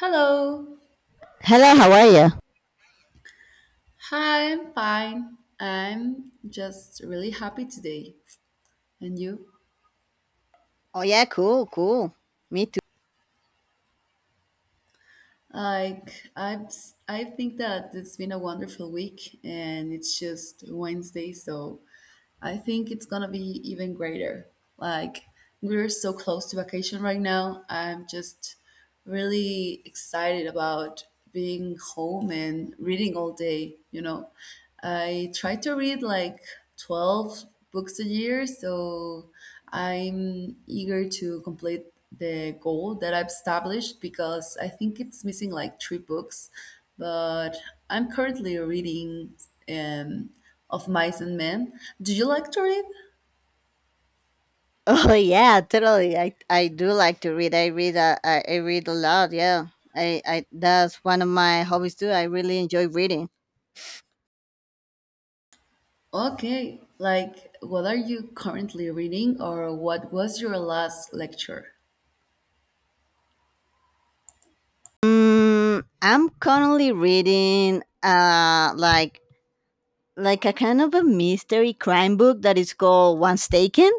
Hello. Hello, how are you? Hi, I'm fine. I'm just really happy today. And you? Oh yeah, cool, cool. Me too. Like I've I think that it's been a wonderful week and it's just Wednesday, so I think it's gonna be even greater. Like, we're so close to vacation right now. I'm just really excited about being home and reading all day, you know. I try to read like 12 books a year, so I'm eager to complete the goal that I've established because I think it's missing like three books, but I'm currently reading um of Mice and Men. Do you like to read? Oh yeah, totally. I do like to read. I read a lot. Yeah, I that's one of my hobbies too. I really enjoy reading. Okay, like what are you currently reading or what was your last lecture? Mm, I'm currently reading like a kind of a mystery crime book that is called Once Taken.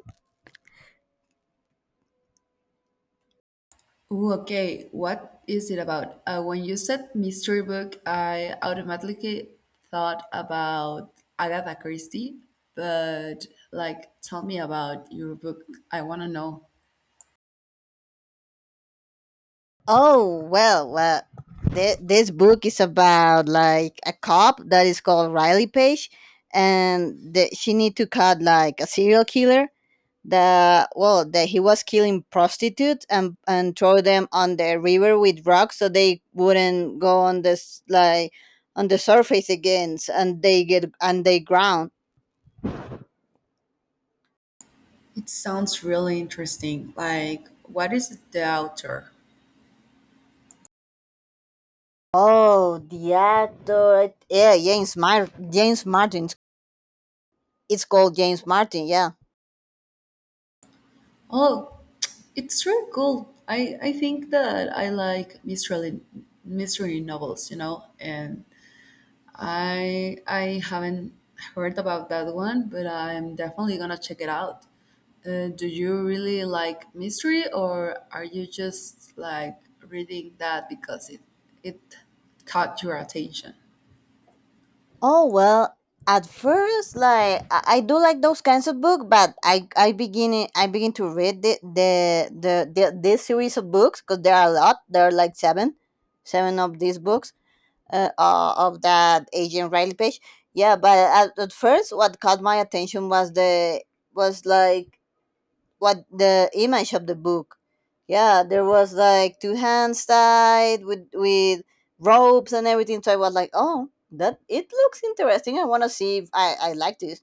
Ooh, okay, what is it about? When you said mystery book, I automatically thought about Agatha Christie, but like tell me about your book. I want to know. Oh well, well, this book is about like a cop that is called Riley Page, and she need to cut like a serial killer that well that he was killing prostitutes and throw them on the river with rocks so they wouldn't go on this like on the surface again and they get and they drown. It sounds really interesting. Like, what is the author? Oh, the actor, yeah, James Martin. It's called James Martin, yeah. Oh, it's really cool. I think that I like mystery novels, you know, and I haven't heard about that one, but I'm definitely gonna check it out. Do you really like mystery, or are you just like reading that because it caught your attention? Oh well, at first, like I do like those kinds of books, but I begin to read the this series of books because there are a lot. There are like seven, seven of these books of that Agent Riley Page. Yeah, but at first, what caught my attention was the was like what the image of the book. Yeah, there was like two hands tied with ropes and everything. So I was like, oh, that it looks interesting. I want to see if I like this.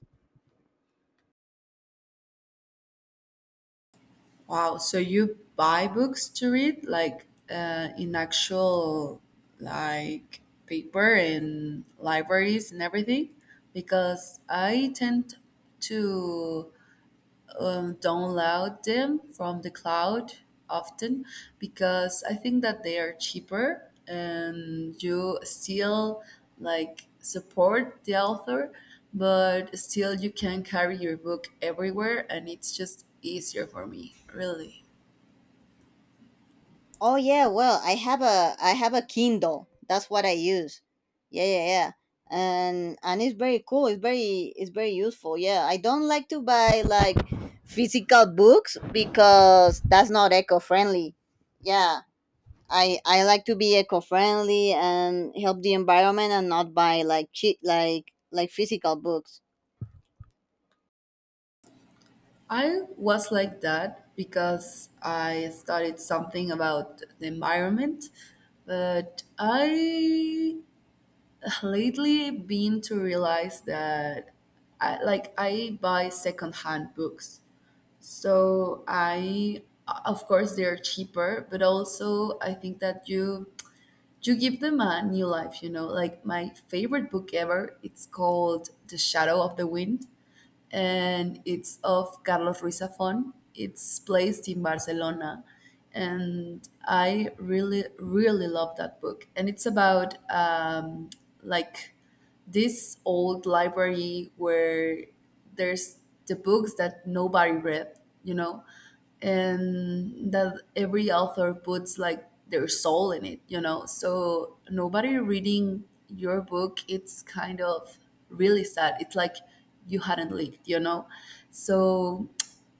Wow, so you buy books to read, like in actual like paper and libraries and everything? Because I tend to download them from the cloud often because I think that they are cheaper and you still like support the author, but still you can carry your book everywhere and it's just easier for me, really. Oh yeah, well I have a Kindle. That's what I use. Yeah, yeah, yeah. And it's very cool. It's very useful. Yeah, I don't like to buy like physical books because that's not eco friendly. Yeah, I like to be eco-friendly and help the environment and not buy like cheap like physical books. I was like that because I studied something about the environment, but I lately been to realize that I, like I buy secondhand books. So I, of course they're cheaper, but also I think that you give them a new life, you know. Like my favorite book ever, it's called The Shadow of the Wind and it's of Carlos Ruiz Zafón. It's placed in Barcelona, and I really, really love that book. And it's about like this old library where there's the books that nobody read, you know, and that every author puts like their soul in it, you know. So nobody reading your book, it's kind of really sad. It's like you hadn't lived, you know. So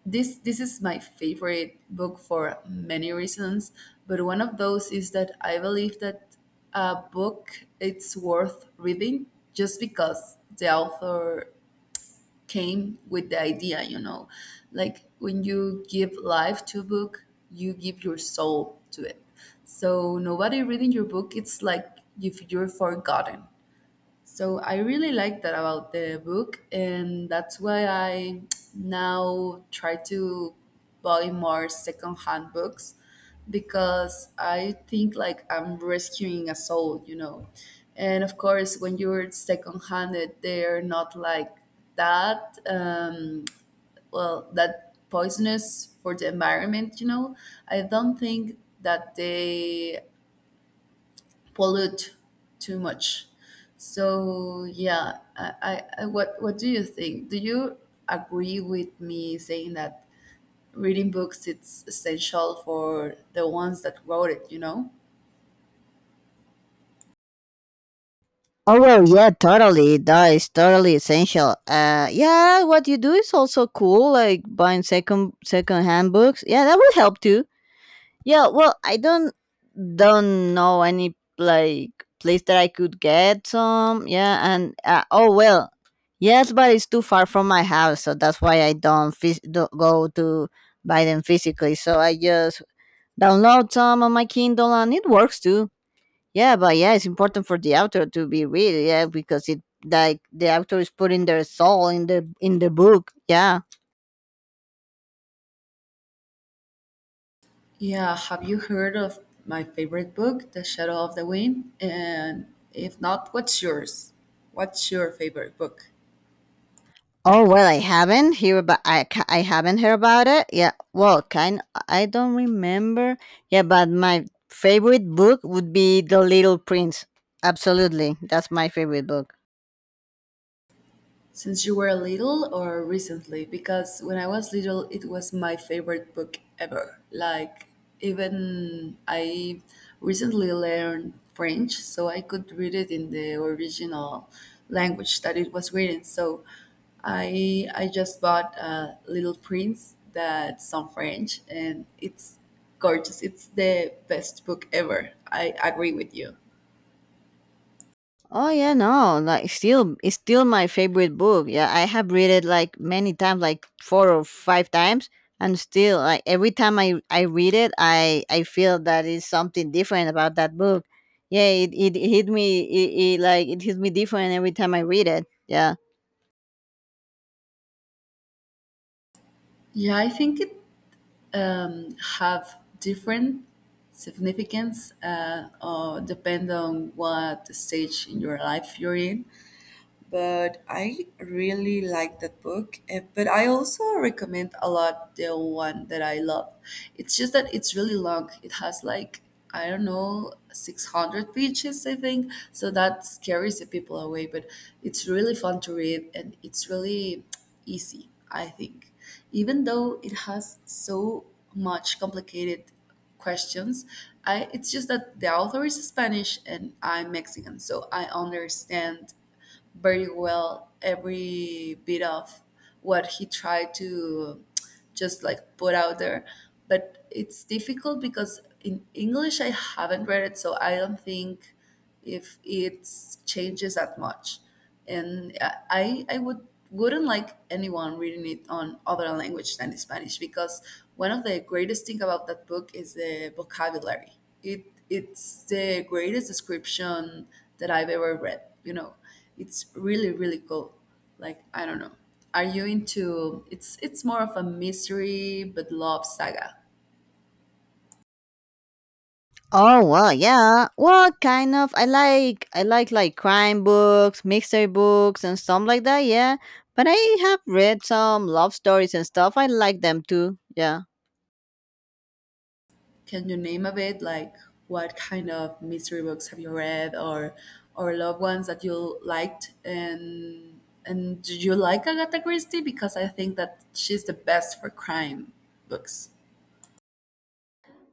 this is my favorite book for many reasons, but one of those is that I believe that a book it's worth reading just because the author came with the idea, you know, like when you give life to a book you give your soul to it, so nobody reading your book it's like if you're forgotten. So I really like that about the book, and that's why I now try to buy more secondhand books because I think like I'm rescuing a soul, you know. And of course, when you're secondhanded, they're not like that. Well, that poisonous for the environment, you know. I don't think that they pollute too much. So yeah, I what do you think? Do you agree with me saying that reading books it's essential for the ones that wrote it? You know? Oh well, yeah, totally. That is totally essential. Yeah, what you do is also cool, like buying second hand books. Yeah, that would help too. Yeah, well, I don't know any like place that I could get some. Yeah, and oh well, yes, but it's too far from my house, so that's why I don't, phys- don't go to buy them physically. So I just download some on my Kindle, and it works too. Yeah, but yeah, it's important for the author to be read. Yeah, because it like the author is putting their soul in the book. Yeah. Yeah. Have you heard of my favorite book, The Shadow of the Wind? And if not, what's yours? What's your favorite book? Oh well, I haven't heard about it. Yeah, well, kind I don't remember. Yeah, but my favorite book would be The Little Prince. Absolutely, that's my favorite book. Since you were little or recently? Because when I was little, it was my favorite book ever. Like, even I recently learned French, so I could read it in the original language that it was written. So I just bought a Little Prince that's on French, and it's gorgeous. It's the best book ever. I agree with you. Oh yeah, no, like still it's still my favorite book. Yeah, I have read it like many times, like four or five times, and still like every time I read it, I feel that is something different about that book. Yeah, it hit me it, it like it hit me different every time I read it. Yeah. Yeah, I think it have different significance, or depend on what stage in your life you're in, but I really like that book. Eh, but I also recommend a lot the one that I love. It's just that it's really long. It has like, I don't know, 600 pages, I think. So that scares the people away, but it's really fun to read and it's really easy, I think. Even though it has so much complicated questions. I, it's just that the author is Spanish and I'm Mexican, so I understand very well every bit of what he tried to just like put out there. But it's difficult because in English I haven't read it, so I don't think if it changes that much. And I wouldn't like anyone reading it on other language than Spanish because one of the greatest thing about that book is the vocabulary. It's the greatest description that I've ever read. You know, it's really really cool. Like I don't know. Are you into, it's more of a mystery but love saga. Oh well, yeah. Well, kind of. I like crime books, mystery books, and stuff like that. Yeah, but I have read some love stories and stuff. I like them too. Yeah. Can you name a bit like what kind of mystery books have you read or loved ones that you liked, and do you like Agatha Christie? Because I think that she's the best for crime books.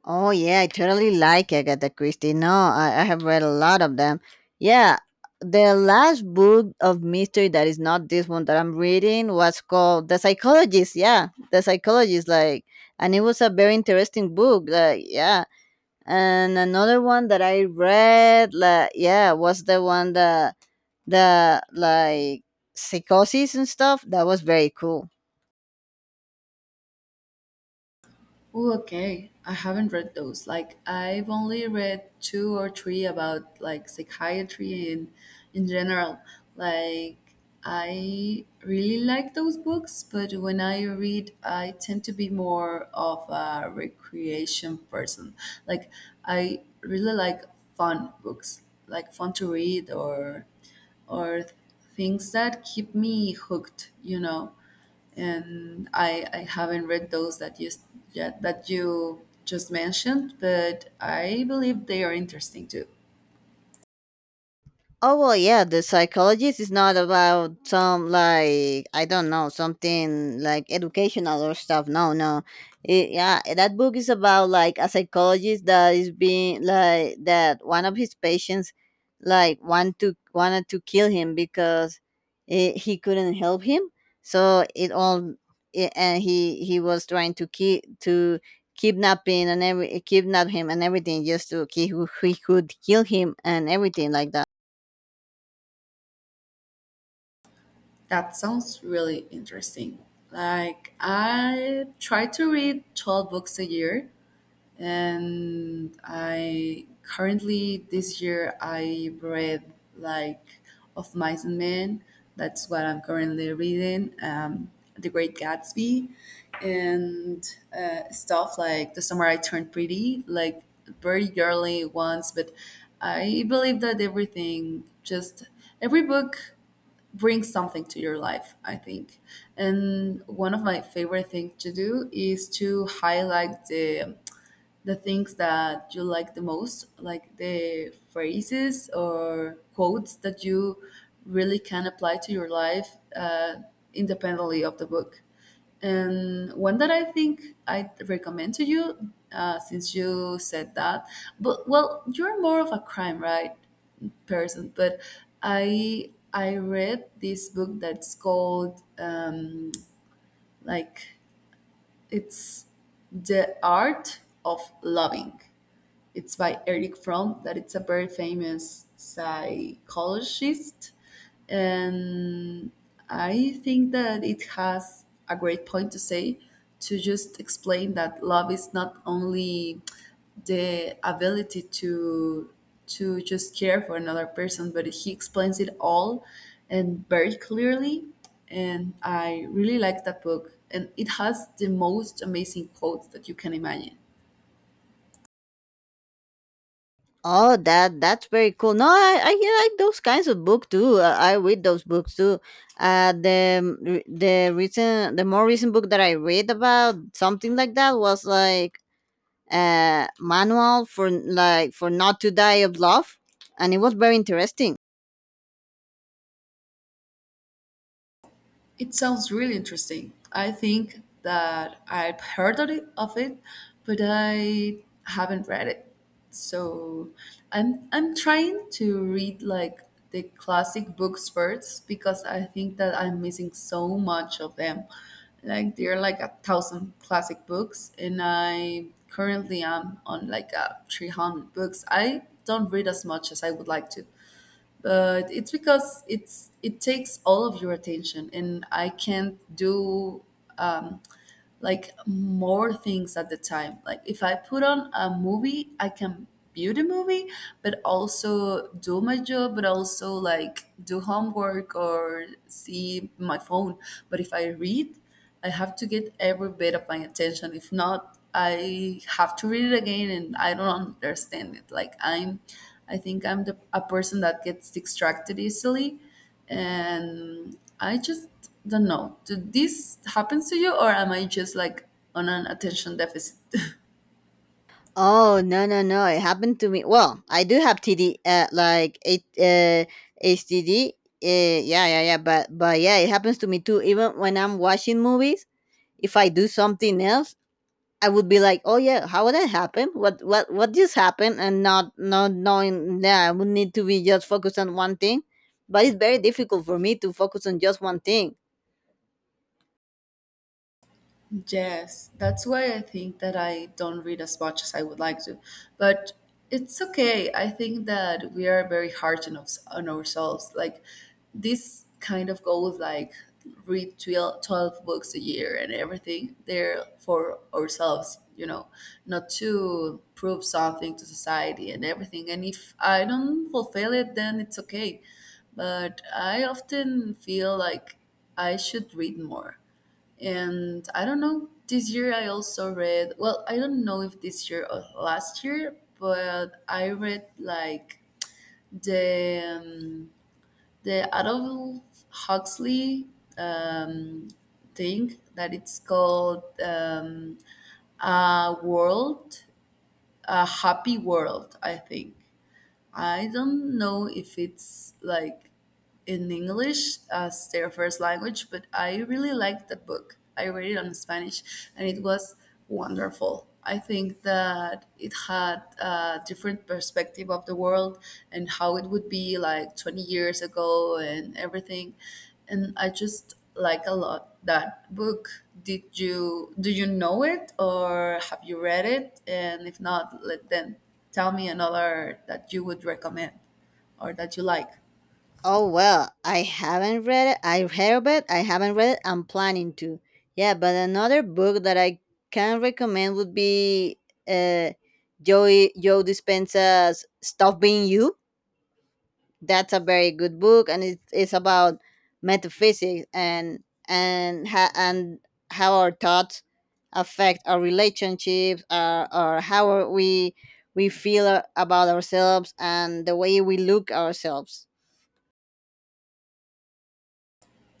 Oh yeah, I totally like Agatha Christie. No, I have read a lot of them. Yeah, the last book of mystery that is not this one that I'm reading was called The Psychologist. Yeah, The Psychologist. Like, and it was a very interesting book. Like, yeah and another one that I read, like yeah, was the one that the like psychosis and stuff. That was very cool. Ooh, okay. I haven't read those. Like I've only read two or three about like psychiatry in general. Like I really like those books, but when I read, I tend to be more of a recreation person. Like I really like fun books, like fun to read or things that keep me hooked, you know, and I haven't read those that yet that you just mentioned, but I believe they are interesting too. Oh well, yeah. The psychologist is not about some like I don't know something like educational or stuff. No, no. Yeah, that book is about like a psychologist that is being like that one of his patients like wanted to kill him because he couldn't help him. So it all it, and he was trying to keep to kidnapping and every kidnap him and everything just to he could kill him and everything like that. That sounds really interesting. Like I try to read 12 books a year, and I currently this year I read like of Mice and Men. That's what I'm currently reading. The Great Gatsby, and stuff like The Summer I Turned Pretty, like very girly ones. But I believe that everything, just every book brings something to your life, I think, and one of my favorite things to do is to highlight the things that you like the most, like the phrases or quotes that you really can apply to your life, independently of the book. And one that I think I'd recommend to you, since you said that, but well, you're more of a crime, right, person. But I read this book that's called, like, it's the art of loving, it's by Eric Fromm, that it's a very famous psychologist. And I think that it has a great point to say, to just explain that love is not only the ability to just care for another person, but he explains it all and very clearly. And I really like that book. And it has the most amazing quotes that you can imagine. Oh, that's very cool. No, I yeah, I like those kinds of book too. I read those books too. The more recent book that I read about something like that was like manual for not to die of love, and it was very interesting. It sounds really interesting. I think that I've heard of it, but I haven't read it. So I'm trying to read like the classic books first because I think that I'm missing so much of them. Like there are like a thousand classic books, and I currently am on like a 300 books. I don't read as much as I would like to, but it's because it's it takes all of your attention and I can't do um, like more things at the time. Like if I put on a movie, I can view the movie, but also do my job, but also like do homework or see my phone. But if I read, I have to get every bit of my attention. If not, I have to read it again and I don't understand it. I think I'm the, a person that gets distracted easily, and I just don't know. Do this happens to you, or am I just like on an attention deficit? Oh no, no, no! It happened to me. Well, I do have TD, HDD. Yeah, yeah, yeah. But yeah, it happens to me too. Even when I'm watching movies, if I do something else I would be like, oh yeah, how would that happen? What just happened? And not knowing that I would need to be just focused on one thing. But it's very difficult for me to focus on just one thing. Yes, that's why I think that I don't read as much as I would like to. But it's okay. I think that we are very hard on, us, on ourselves. Like this kind of goals, like read 12, twelve books a year and everything, they're for ourselves, you know, not to prove something to society and everything. And if I don't fulfill it, then it's okay. But I often feel like I should read more, and I don't know, this year I also read, well, I don't know if this year or last year, but I read like the, the Adolf Huxley, um, thing that it's called, a world, a happy world, I think. I don't know if it's like in English as their first language, but I really liked that book. I read it on Spanish and it was wonderful. I think that it had a different perspective of the world and how it would be like 20 years ago and everything. And I just like a lot that book. Did you do you know it or have you read it? And if not, let then tell me another that you would recommend or that you like. Oh well, I haven't read it. I heard of it. I haven't read it. I'm planning to. Yeah, but another book that I can recommend would be uh, Joe Dispenza's "Stop Being You." That's a very good book and it's about metaphysics and how our thoughts affect our relationships our, or how we feel about ourselves and the way we look ourselves.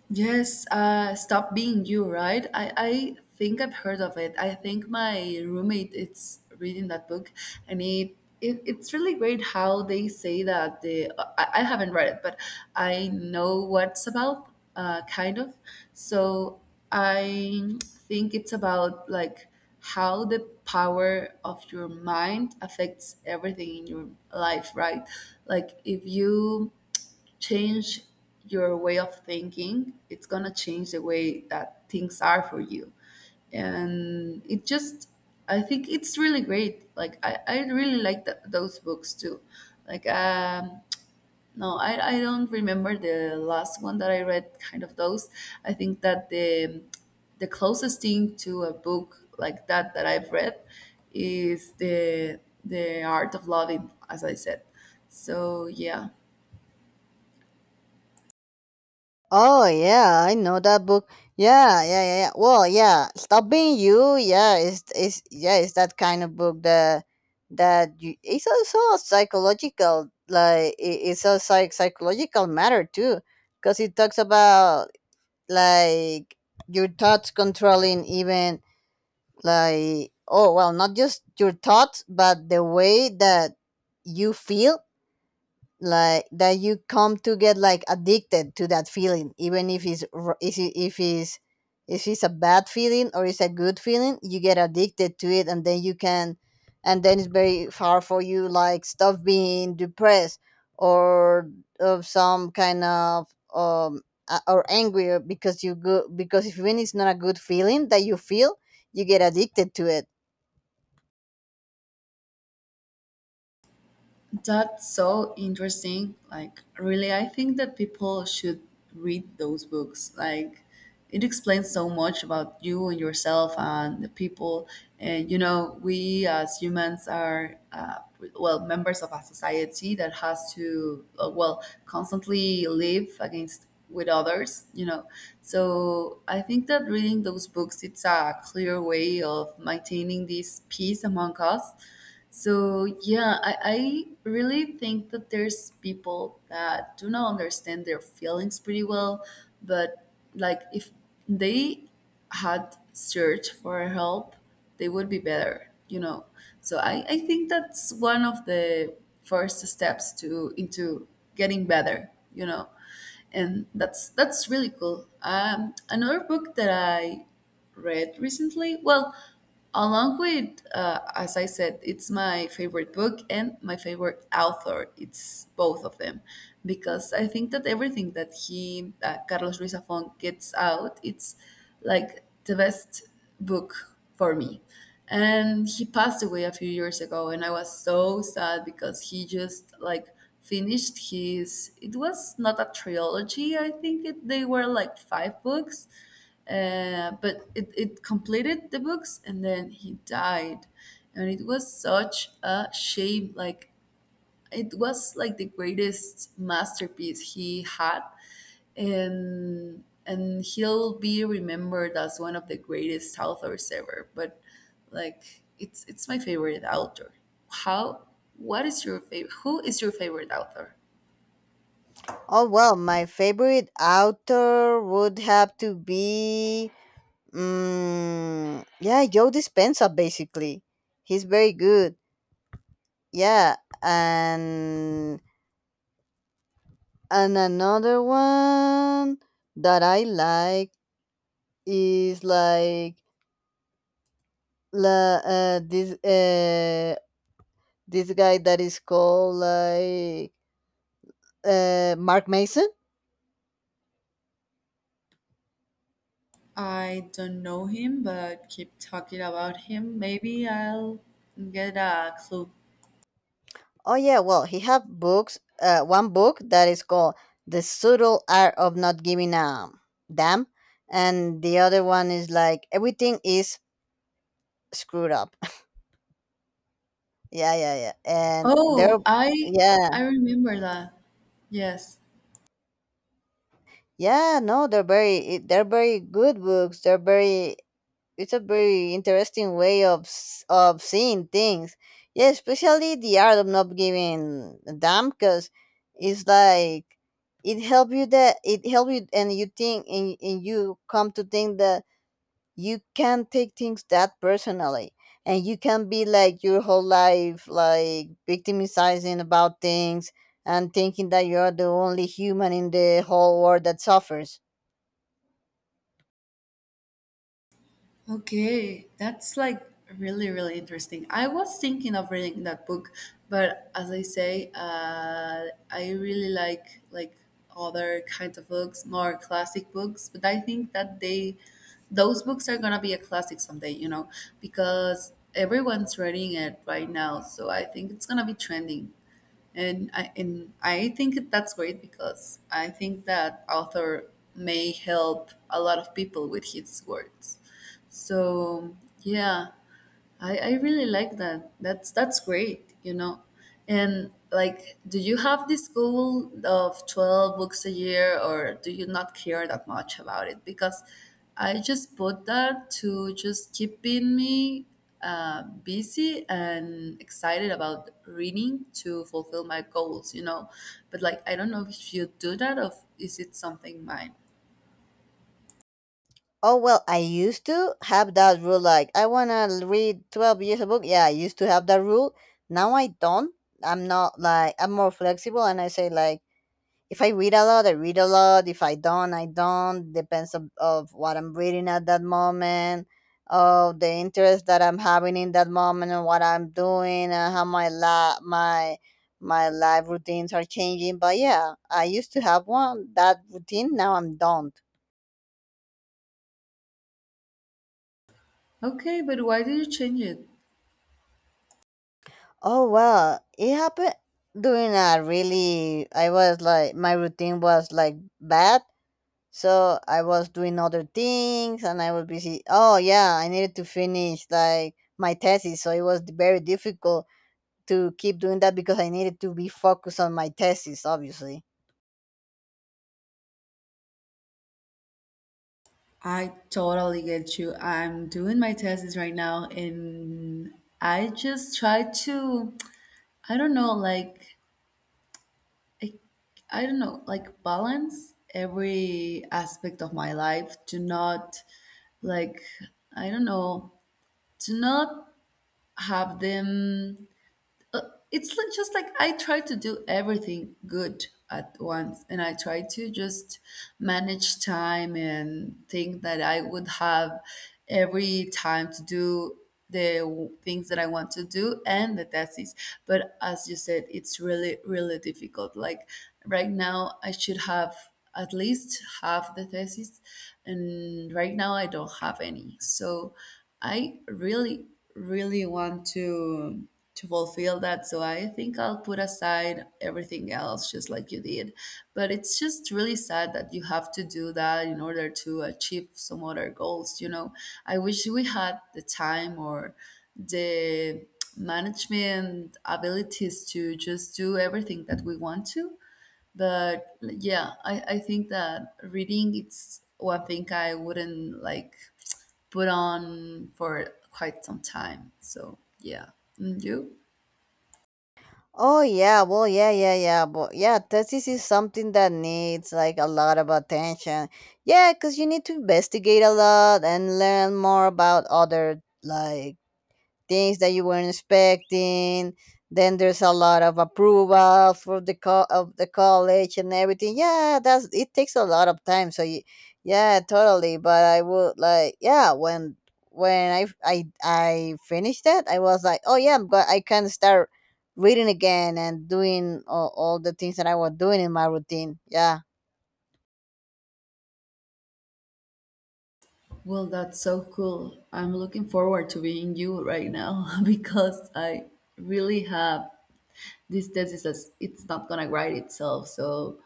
Yes, Stop Being You, right? I think I've heard of it. I think my roommate is reading that book, and it's really great how they say that the I haven't read it, but I know what's about, kind of. So I think it's about like how the power of your mind affects everything in your life, right? Like if you change your way of thinking, it's going to change the way that things are for you. And it just, I think it's really great. Like, I really like those books too. Like, no, I don't remember the last one that I read, kind of those. I think that the closest thing to a book like that that I've read is the Art of Loving, as I said. So, yeah. Oh yeah, I know that book. Yeah, yeah, yeah, yeah. Well, yeah, Stop Being You. Yeah, is yeah, it's that kind of book it's also a psychological like psychological matter too, because it talks about like your thoughts controlling even like oh well, not just your thoughts, but the way that you feel like that you come to get like addicted to that feeling even if it's r- if it- if it's a bad feeling or it's a good feeling you get addicted to it and then it's very hard for you like stop being depressed or of some kind of um or angry or because you go because if even it's not a good feeling that you feel you get addicted to it. That's so interesting. Like, really, I think that people should read those books. Like, it explains so much about you and yourself and the people. And, you know, we as humans are, well, members of a society that has to, well, constantly live against with others, you know. So I think that reading those books, it's a clear way of maintaining this peace among us. So yeah, I really think that there's people that do not understand their feelings pretty well, but like if they had searched for help, they would be better, you know. So I think that's one of the first steps to into getting better, you know. And that's really cool. Another book that I read recently. Well, along with, as I said, it's my favorite book and my favorite author. It's both of them because I think that everything that he, Carlos Ruiz Zafón, gets out, it's like the best book for me. And he passed away a few years ago, and I was so sad because he just like finished his. It was not a trilogy. I think it, they were like five books but it completed the books and then he died and it was such a shame. Like it was like the greatest masterpiece he had, and he'll be remembered as one of the greatest authors ever. But like it's my favorite author. How, what is your favorite who is your favorite author? Oh well, my favorite author would have to be, yeah, Joe Dispenza. Basically, he's very good. Yeah, and another one that I like is like la this this guy that is called like Mark Mason. I don't know him, but keep talking about him. Maybe I'll get a clue. Oh yeah, well, he have books. One book that is called "The Subtle Art of Not Giving a Damn," and the other one is like "Everything Is Screwed Up." yeah, yeah, yeah. And they're Oh, I yeah, remember that. Yes. yeah. No, they're very good books. They're very it's a very interesting way of of seeing things. Yeah, especially the art of not giving a damn, because it's like it help you, and you think and you come to think that you can take things that personally, and you can be like your whole life like victimizing about things and thinking that you're the only human in the whole world that suffers. Okay, that's like really, really interesting. I was thinking of reading that book, but as I say, I really like other kinds of books, more classic books. But I think that they, those books are gonna be a classic someday, you know, because everyone's reading it right now. So I think it's gonna be trending. And I think that's great because I think that author may help a lot of people with his words. So yeah, I really like that. That's great, you know. And like, do you have this goal of 12 books a year or do you not care that much about it? Because I just put that to just keeping me busy and excited about reading to fulfill my goals, you know. But like, I don't know if you do that or if- is it something mine? Oh well, I used to have that rule. Like I wanna read twelve years a book. Yeah, I used to have that rule. Now I don't. I'm not like I'm more flexible, and I say like if I read a lot, I read a lot. If I don't, I don't. Depends of what I'm reading at that moment, of the interest that I'm having in that moment, and what I'm doing, and how my la my my life routines are changing. But yeah, I used to have one that routine. Now I'm don't. Okay, but why did you change it? Oh well, it happened during a really. I was like my routine was like bad, so I was doing other things and I was busy. Oh yeah, I needed to finish like my thesis, so it was very difficult to keep doing that because I needed to be focused on my thesis, obviously. I totally get you. I'm doing my thesis right now, and I just try to, I don't know, like, I, I don't know, like, balance every aspect of my life to not, like, I don't know, to not have them. It's like just like I try to do everything good at once, and I try to just manage time and think that I would have every time to do the things that I want to do and the tesis. But as you said, it's really, really difficult. Like right now, I should have at least half the thesis, and right now I don't have any. So I really, really want to fulfill that. So I think I'll put aside everything else, just like you did. But it's just really sad that you have to do that in order to achieve some other goals. You know, I wish we had the time or the management abilities to just do everything that we want to. But yeah, I think that reading it's one thing I wouldn't like put on for quite some time. So yeah. And you? Oh yeah, well yeah, thesis is something that needs like a lot of attention. Yeah, because you need to investigate a lot and learn more about other like things that you weren't expecting. Then there's a lot of approval for the co- of the college and everything. Yeah, that's it takes a lot of time. So you, yeah, totally. But I would like yeah when I finished that I was like oh yeah I can start reading again and doing all the things that I was doing in my routine. Yeah. Well, that's so cool. I'm looking forward to being you right now because I really have this thesis as it's not gonna write itself. So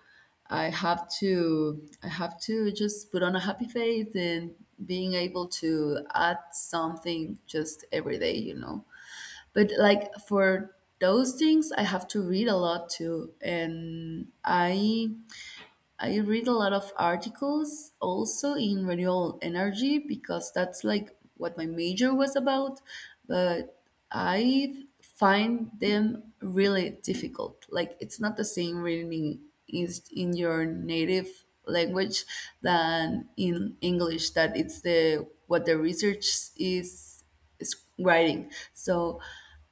I have to just put on a happy face and being able to add something just every day, you know. But like for those things I have to read a lot too. And I read a lot of articles also in renewable energy because that's like what my major was about, but I find them really difficult. Like it's not the same reading is in your native language than in English that it's the what the research is writing. So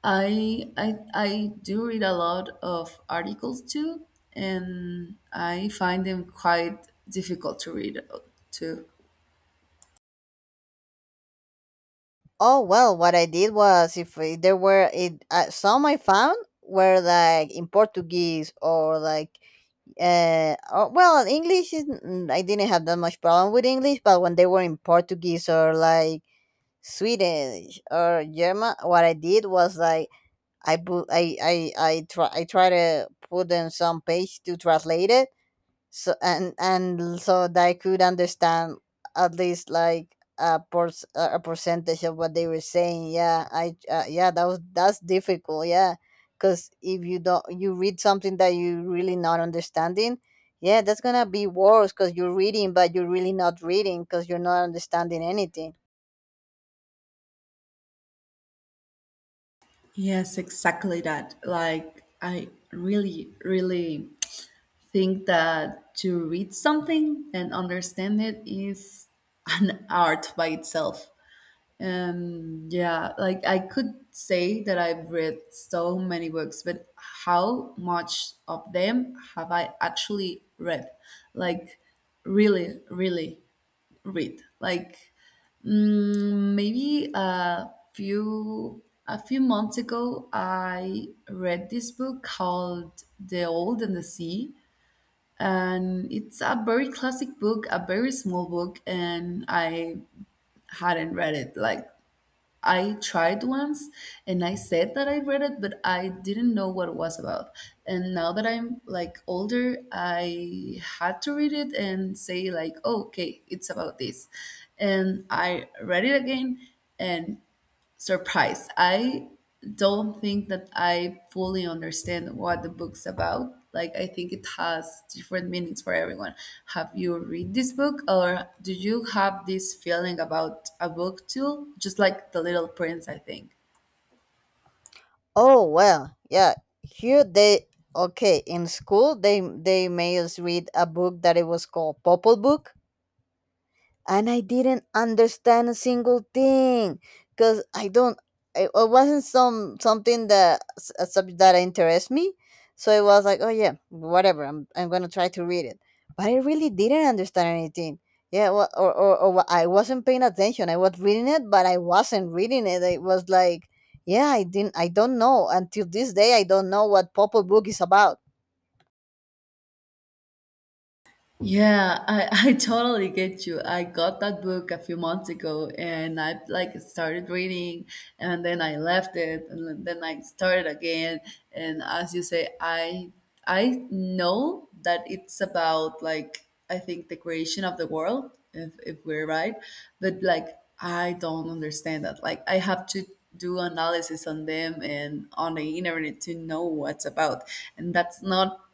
I do read a lot of articles too, and I find them quite difficult to read too. Oh well, what I did was if there were some I found were like in Portuguese or like English is I didn't have that much problem with English, but when they were in Portuguese or like Swedish or German, what I did was like I put I try to put in some page to translate it, so and so that I could understand at least like a a percentage of what they were saying. Yeah, I that's difficult. Yeah, because if you don't you read something that you really not understanding, yeah, that's gonna be worse because you're reading but you're really not reading because you're not understanding anything. Yes, exactly that. Like I really really think that to read something and understand it is an art by itself. And yeah, like I could say that I've read so many books, but how much of them have I actually read? Like, really, really read. Like, maybe a few months ago, I read this book called The Old and the Sea, and it's a very classic book, a very small book, and I hadn't read it. Like I tried once and I said that I read it, but I didn't know what it was about. And now that I'm like older, I had to read it and say, like, oh, okay, it's about this. And I read it again and surprised. I don't think that I fully understand what the book's about. Like, I think it has different meanings for everyone. Have you read this book, or do you have this feeling about a book too? Just like The Little Prince, I think. Oh well, yeah. Here they okay in school they made us read a book that it was called Popol Book and I didn't understand a single thing because I don't. It wasn't something that a subject that interests me, so it was like, oh yeah, whatever. I'm gonna try to read it, but I really didn't understand anything. Yeah, I wasn't paying attention. I was reading it, but I wasn't reading it. It was like, yeah, I didn't. I don't know until this day. I don't know what Purple Book is about. Yeah, I, I totally get you. I got that book a few months ago and I like started reading and then I left it and then I started again. And as you say, I know that it's about like I think the creation of the world, if we're right. But like I don't understand that. Like I have to do analysis on them and on the internet to know what's about. And that's not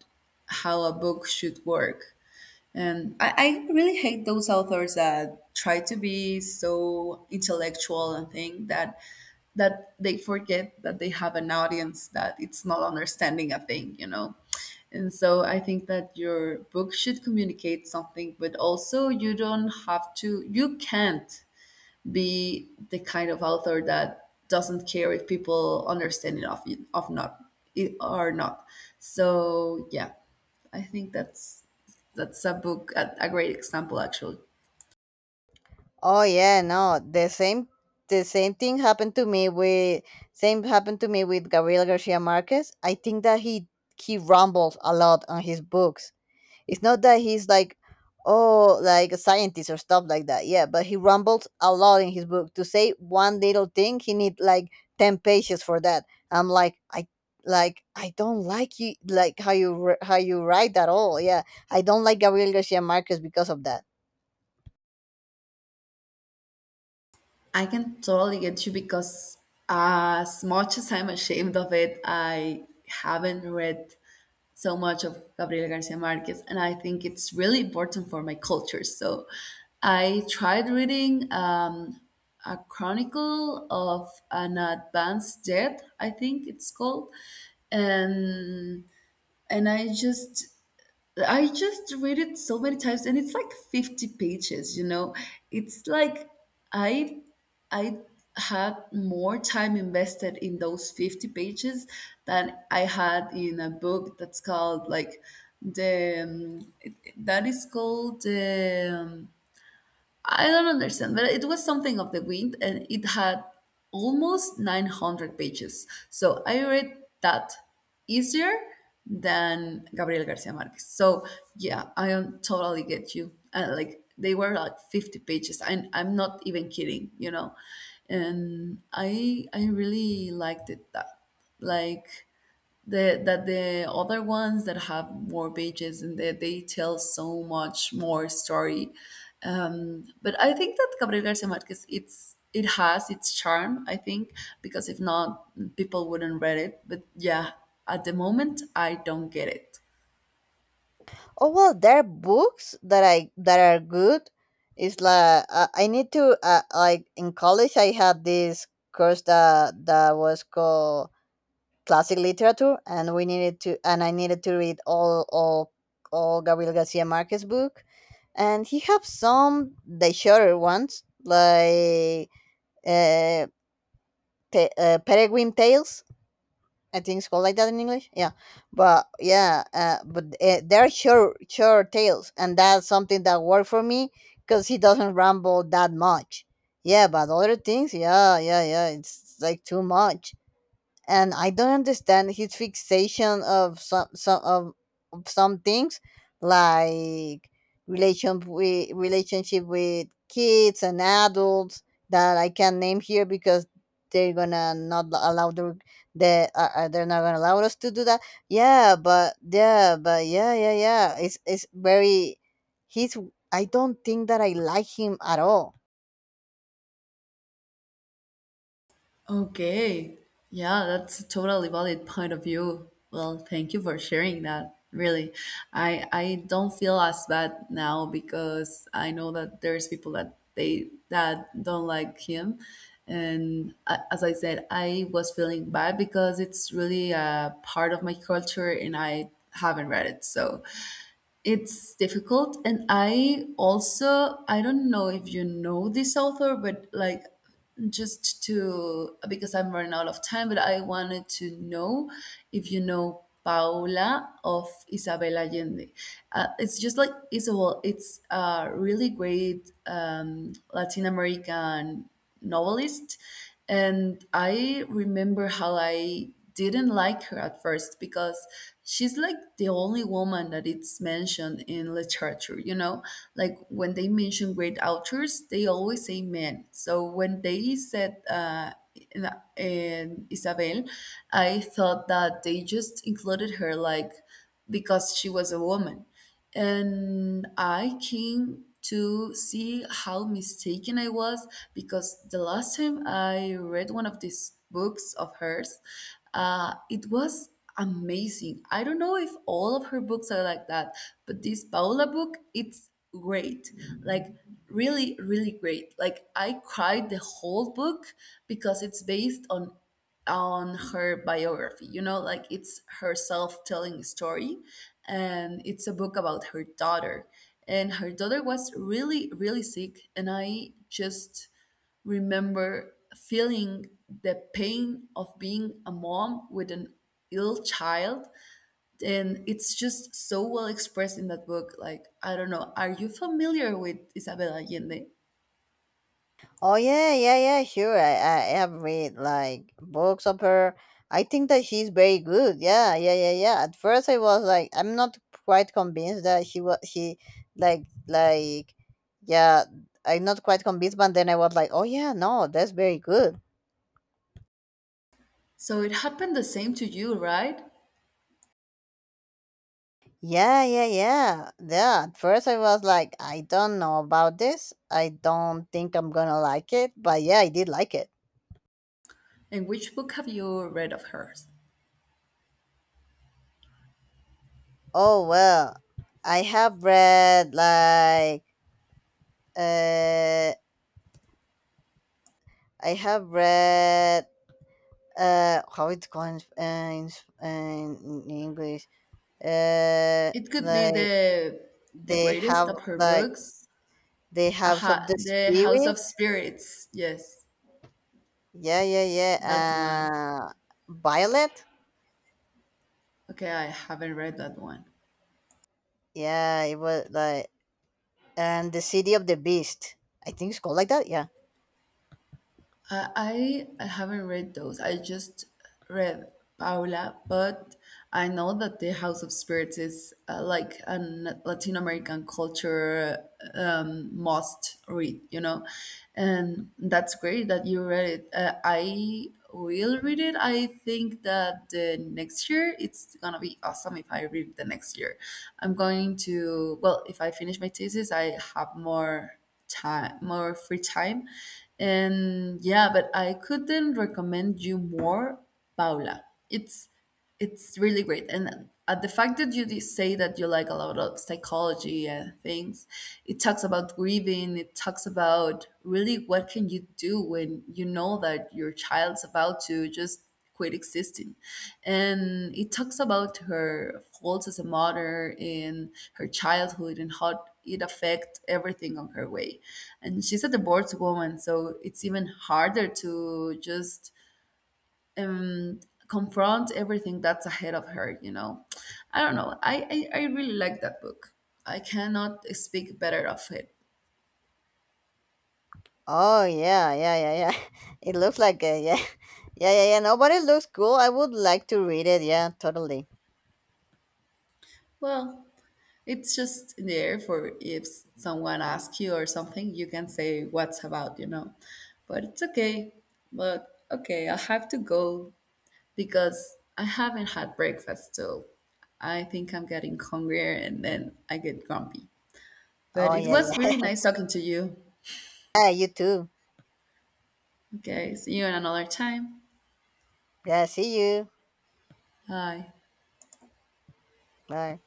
how a book should work. And I really hate those authors that try to be so intellectual and think that they forget that they have an audience that it's not understanding a thing, you know. And so I think that your book should communicate something, but also you don't have to you can't be the kind of author that doesn't care if people understand it of not it or not. So yeah, I think that's a book a great example actually. Oh yeah, no, the same thing happened to me with Gabriel Garcia Marquez. I think that he rumbles a lot on his books. It's not that he's like oh like a scientist or stuff like that. Yeah, but he rumbles a lot in his book. To say one little thing, he need like 10 pages for that. I'm like I don't like you like how you how you write that all. Yeah, I don't like Gabriel Garcia Marquez because of that. I can totally get you because as much as I'm ashamed of it, I haven't read so much of Gabriel Garcia Marquez, and I think it's really important for my culture. So I tried reading a chronicle of an advanced death, I think it's called, and and I just read it so many times and it's like 50 pages, you know. It's like I I had more time invested in those 50 pages than I had in a book that's called like the that is called the I don't understand, but it was something of the wind and it had almost 900 pages. So I read that easier than Gabriel Garcia Marquez. So yeah, I am totally get you. Like they were like 50 pages and I'm not even kidding, you know. And I really liked it that like the that the other ones that have more pages and that they tell so much more story. But I think that Gabriel Garcia Marquez it's it has its charm, I think, because if not, people wouldn't read it. But yeah, at the moment, I don't get it. Oh well, there are books that are good. It's like I need to like in college I had this course that was called classic literature, and we needed to and I needed to read all all Gabriel Garcia Marquez book, and he have some the shorter ones like uh, Peregrine Tales, I think it's called like that in English. Yeah, but they're sure tales, and that's something that worked for me because he doesn't ramble that much. Yeah, but other things, yeah, yeah, yeah, it's like too much and I don't understand his fixation of of some things like relationship with kids and adults that I can not name here because they're gonna not allow the they're not gonna allow us to do that. Yeah, but yeah, yeah, yeah. It's very he's I don't think that I like him at all. Okay. Yeah, that's a totally valid point of view. Well, thank you for sharing that. Really. I don't feel as bad now because I know that there's people that they that don't like him. And as I said, I was feeling bad because it's really a part of my culture and I haven't read it. So, it's difficult. And I also I don't know if you know this author, but like just to because I'm running out of time, but I wanted to know if you know Paula of Isabel Allende. It's just like Isabel. It's a really great Latin American novelist, and I remember how I didn't like her at first because she's like the only woman that it's mentioned in literature, you know? Like when they mention great authors, they always say men. So when they said in, in Isabel, I thought that they just included her like because she was a woman and I came to see how mistaken I was because the last time I read one of these books of hers, it was amazing. I don't know if all of her books are like that, but this Paola book, it's great. Like, really, really great. Like, I cried the whole book because it's based on her biography. You know, like it's herself telling a story, and it's a book about her daughter. And her daughter was really, really sick, and I just remember feeling the pain of being a mom with an ill child. And it's just so well expressed in that book. Like I don't know, are you familiar with Isabel Allende? Oh yeah, yeah, yeah, sure. I have read like books of her. I think that she's very good. Yeah, yeah, yeah, yeah. At first I was like I'm not quite convinced that she was she like yeah, I'm not quite convinced, but then I was like, "Oh yeah, no, that's very good." So it happened the same to you, right? Yeah, yeah, yeah. Yeah, at first I was like, "I don't know about this. I don't think I'm going to like it." But yeah, I did like it. And which book have you read of hers? Oh well. I have read like Uh, I have read how it's called in in English. Uh, It could be like the they greatest have of her like books. they have some Aha, the The House of spirit. Spirits. Yes, Yeah, yeah, that yeah. one. Uh, Violet. Okay, I haven't read that one. Yeah, it was like and the city of the beast. I think it's called like that. Yeah. I haven't read those. I just read Paula, but I know that the House of Spirits is like a Latin American culture must read, you know, and that's great that you read it. I will read it. I think that the next year it's gonna be awesome if I read the next year. I'm going to well, if I finish my thesis, I have more time, more free time. And yeah, but I couldn't recommend you more. Paula, it's really great. And the fact that you did say that you like a lot of psychology and things, it talks about grieving. It talks about really what can you do when you know that your child's about to just quit existing. And it talks about her faults as a mother in her childhood and how it affects everything on her way. And she's a divorced woman, so it's even harder to just um, confront everything that's ahead of her, you know. I don't know, I I really like that book. I cannot speak better of it. Oh yeah, yeah, yeah, yeah. It looks like yeah, yeah, yeah, yeah. No, but it looks cool. I would like to read it. Yeah, totally. Well, it's just there for if someone asks you or something you can say what's about, you know. But it's okay. But okay, I have to go because I haven't had breakfast, so I think I'm getting hungrier and then I get grumpy. But Oh it yeah, was yeah. really nice talking to you. Yeah, you too. Okay, see you in another time. Yeah, see you. Hi. Bye.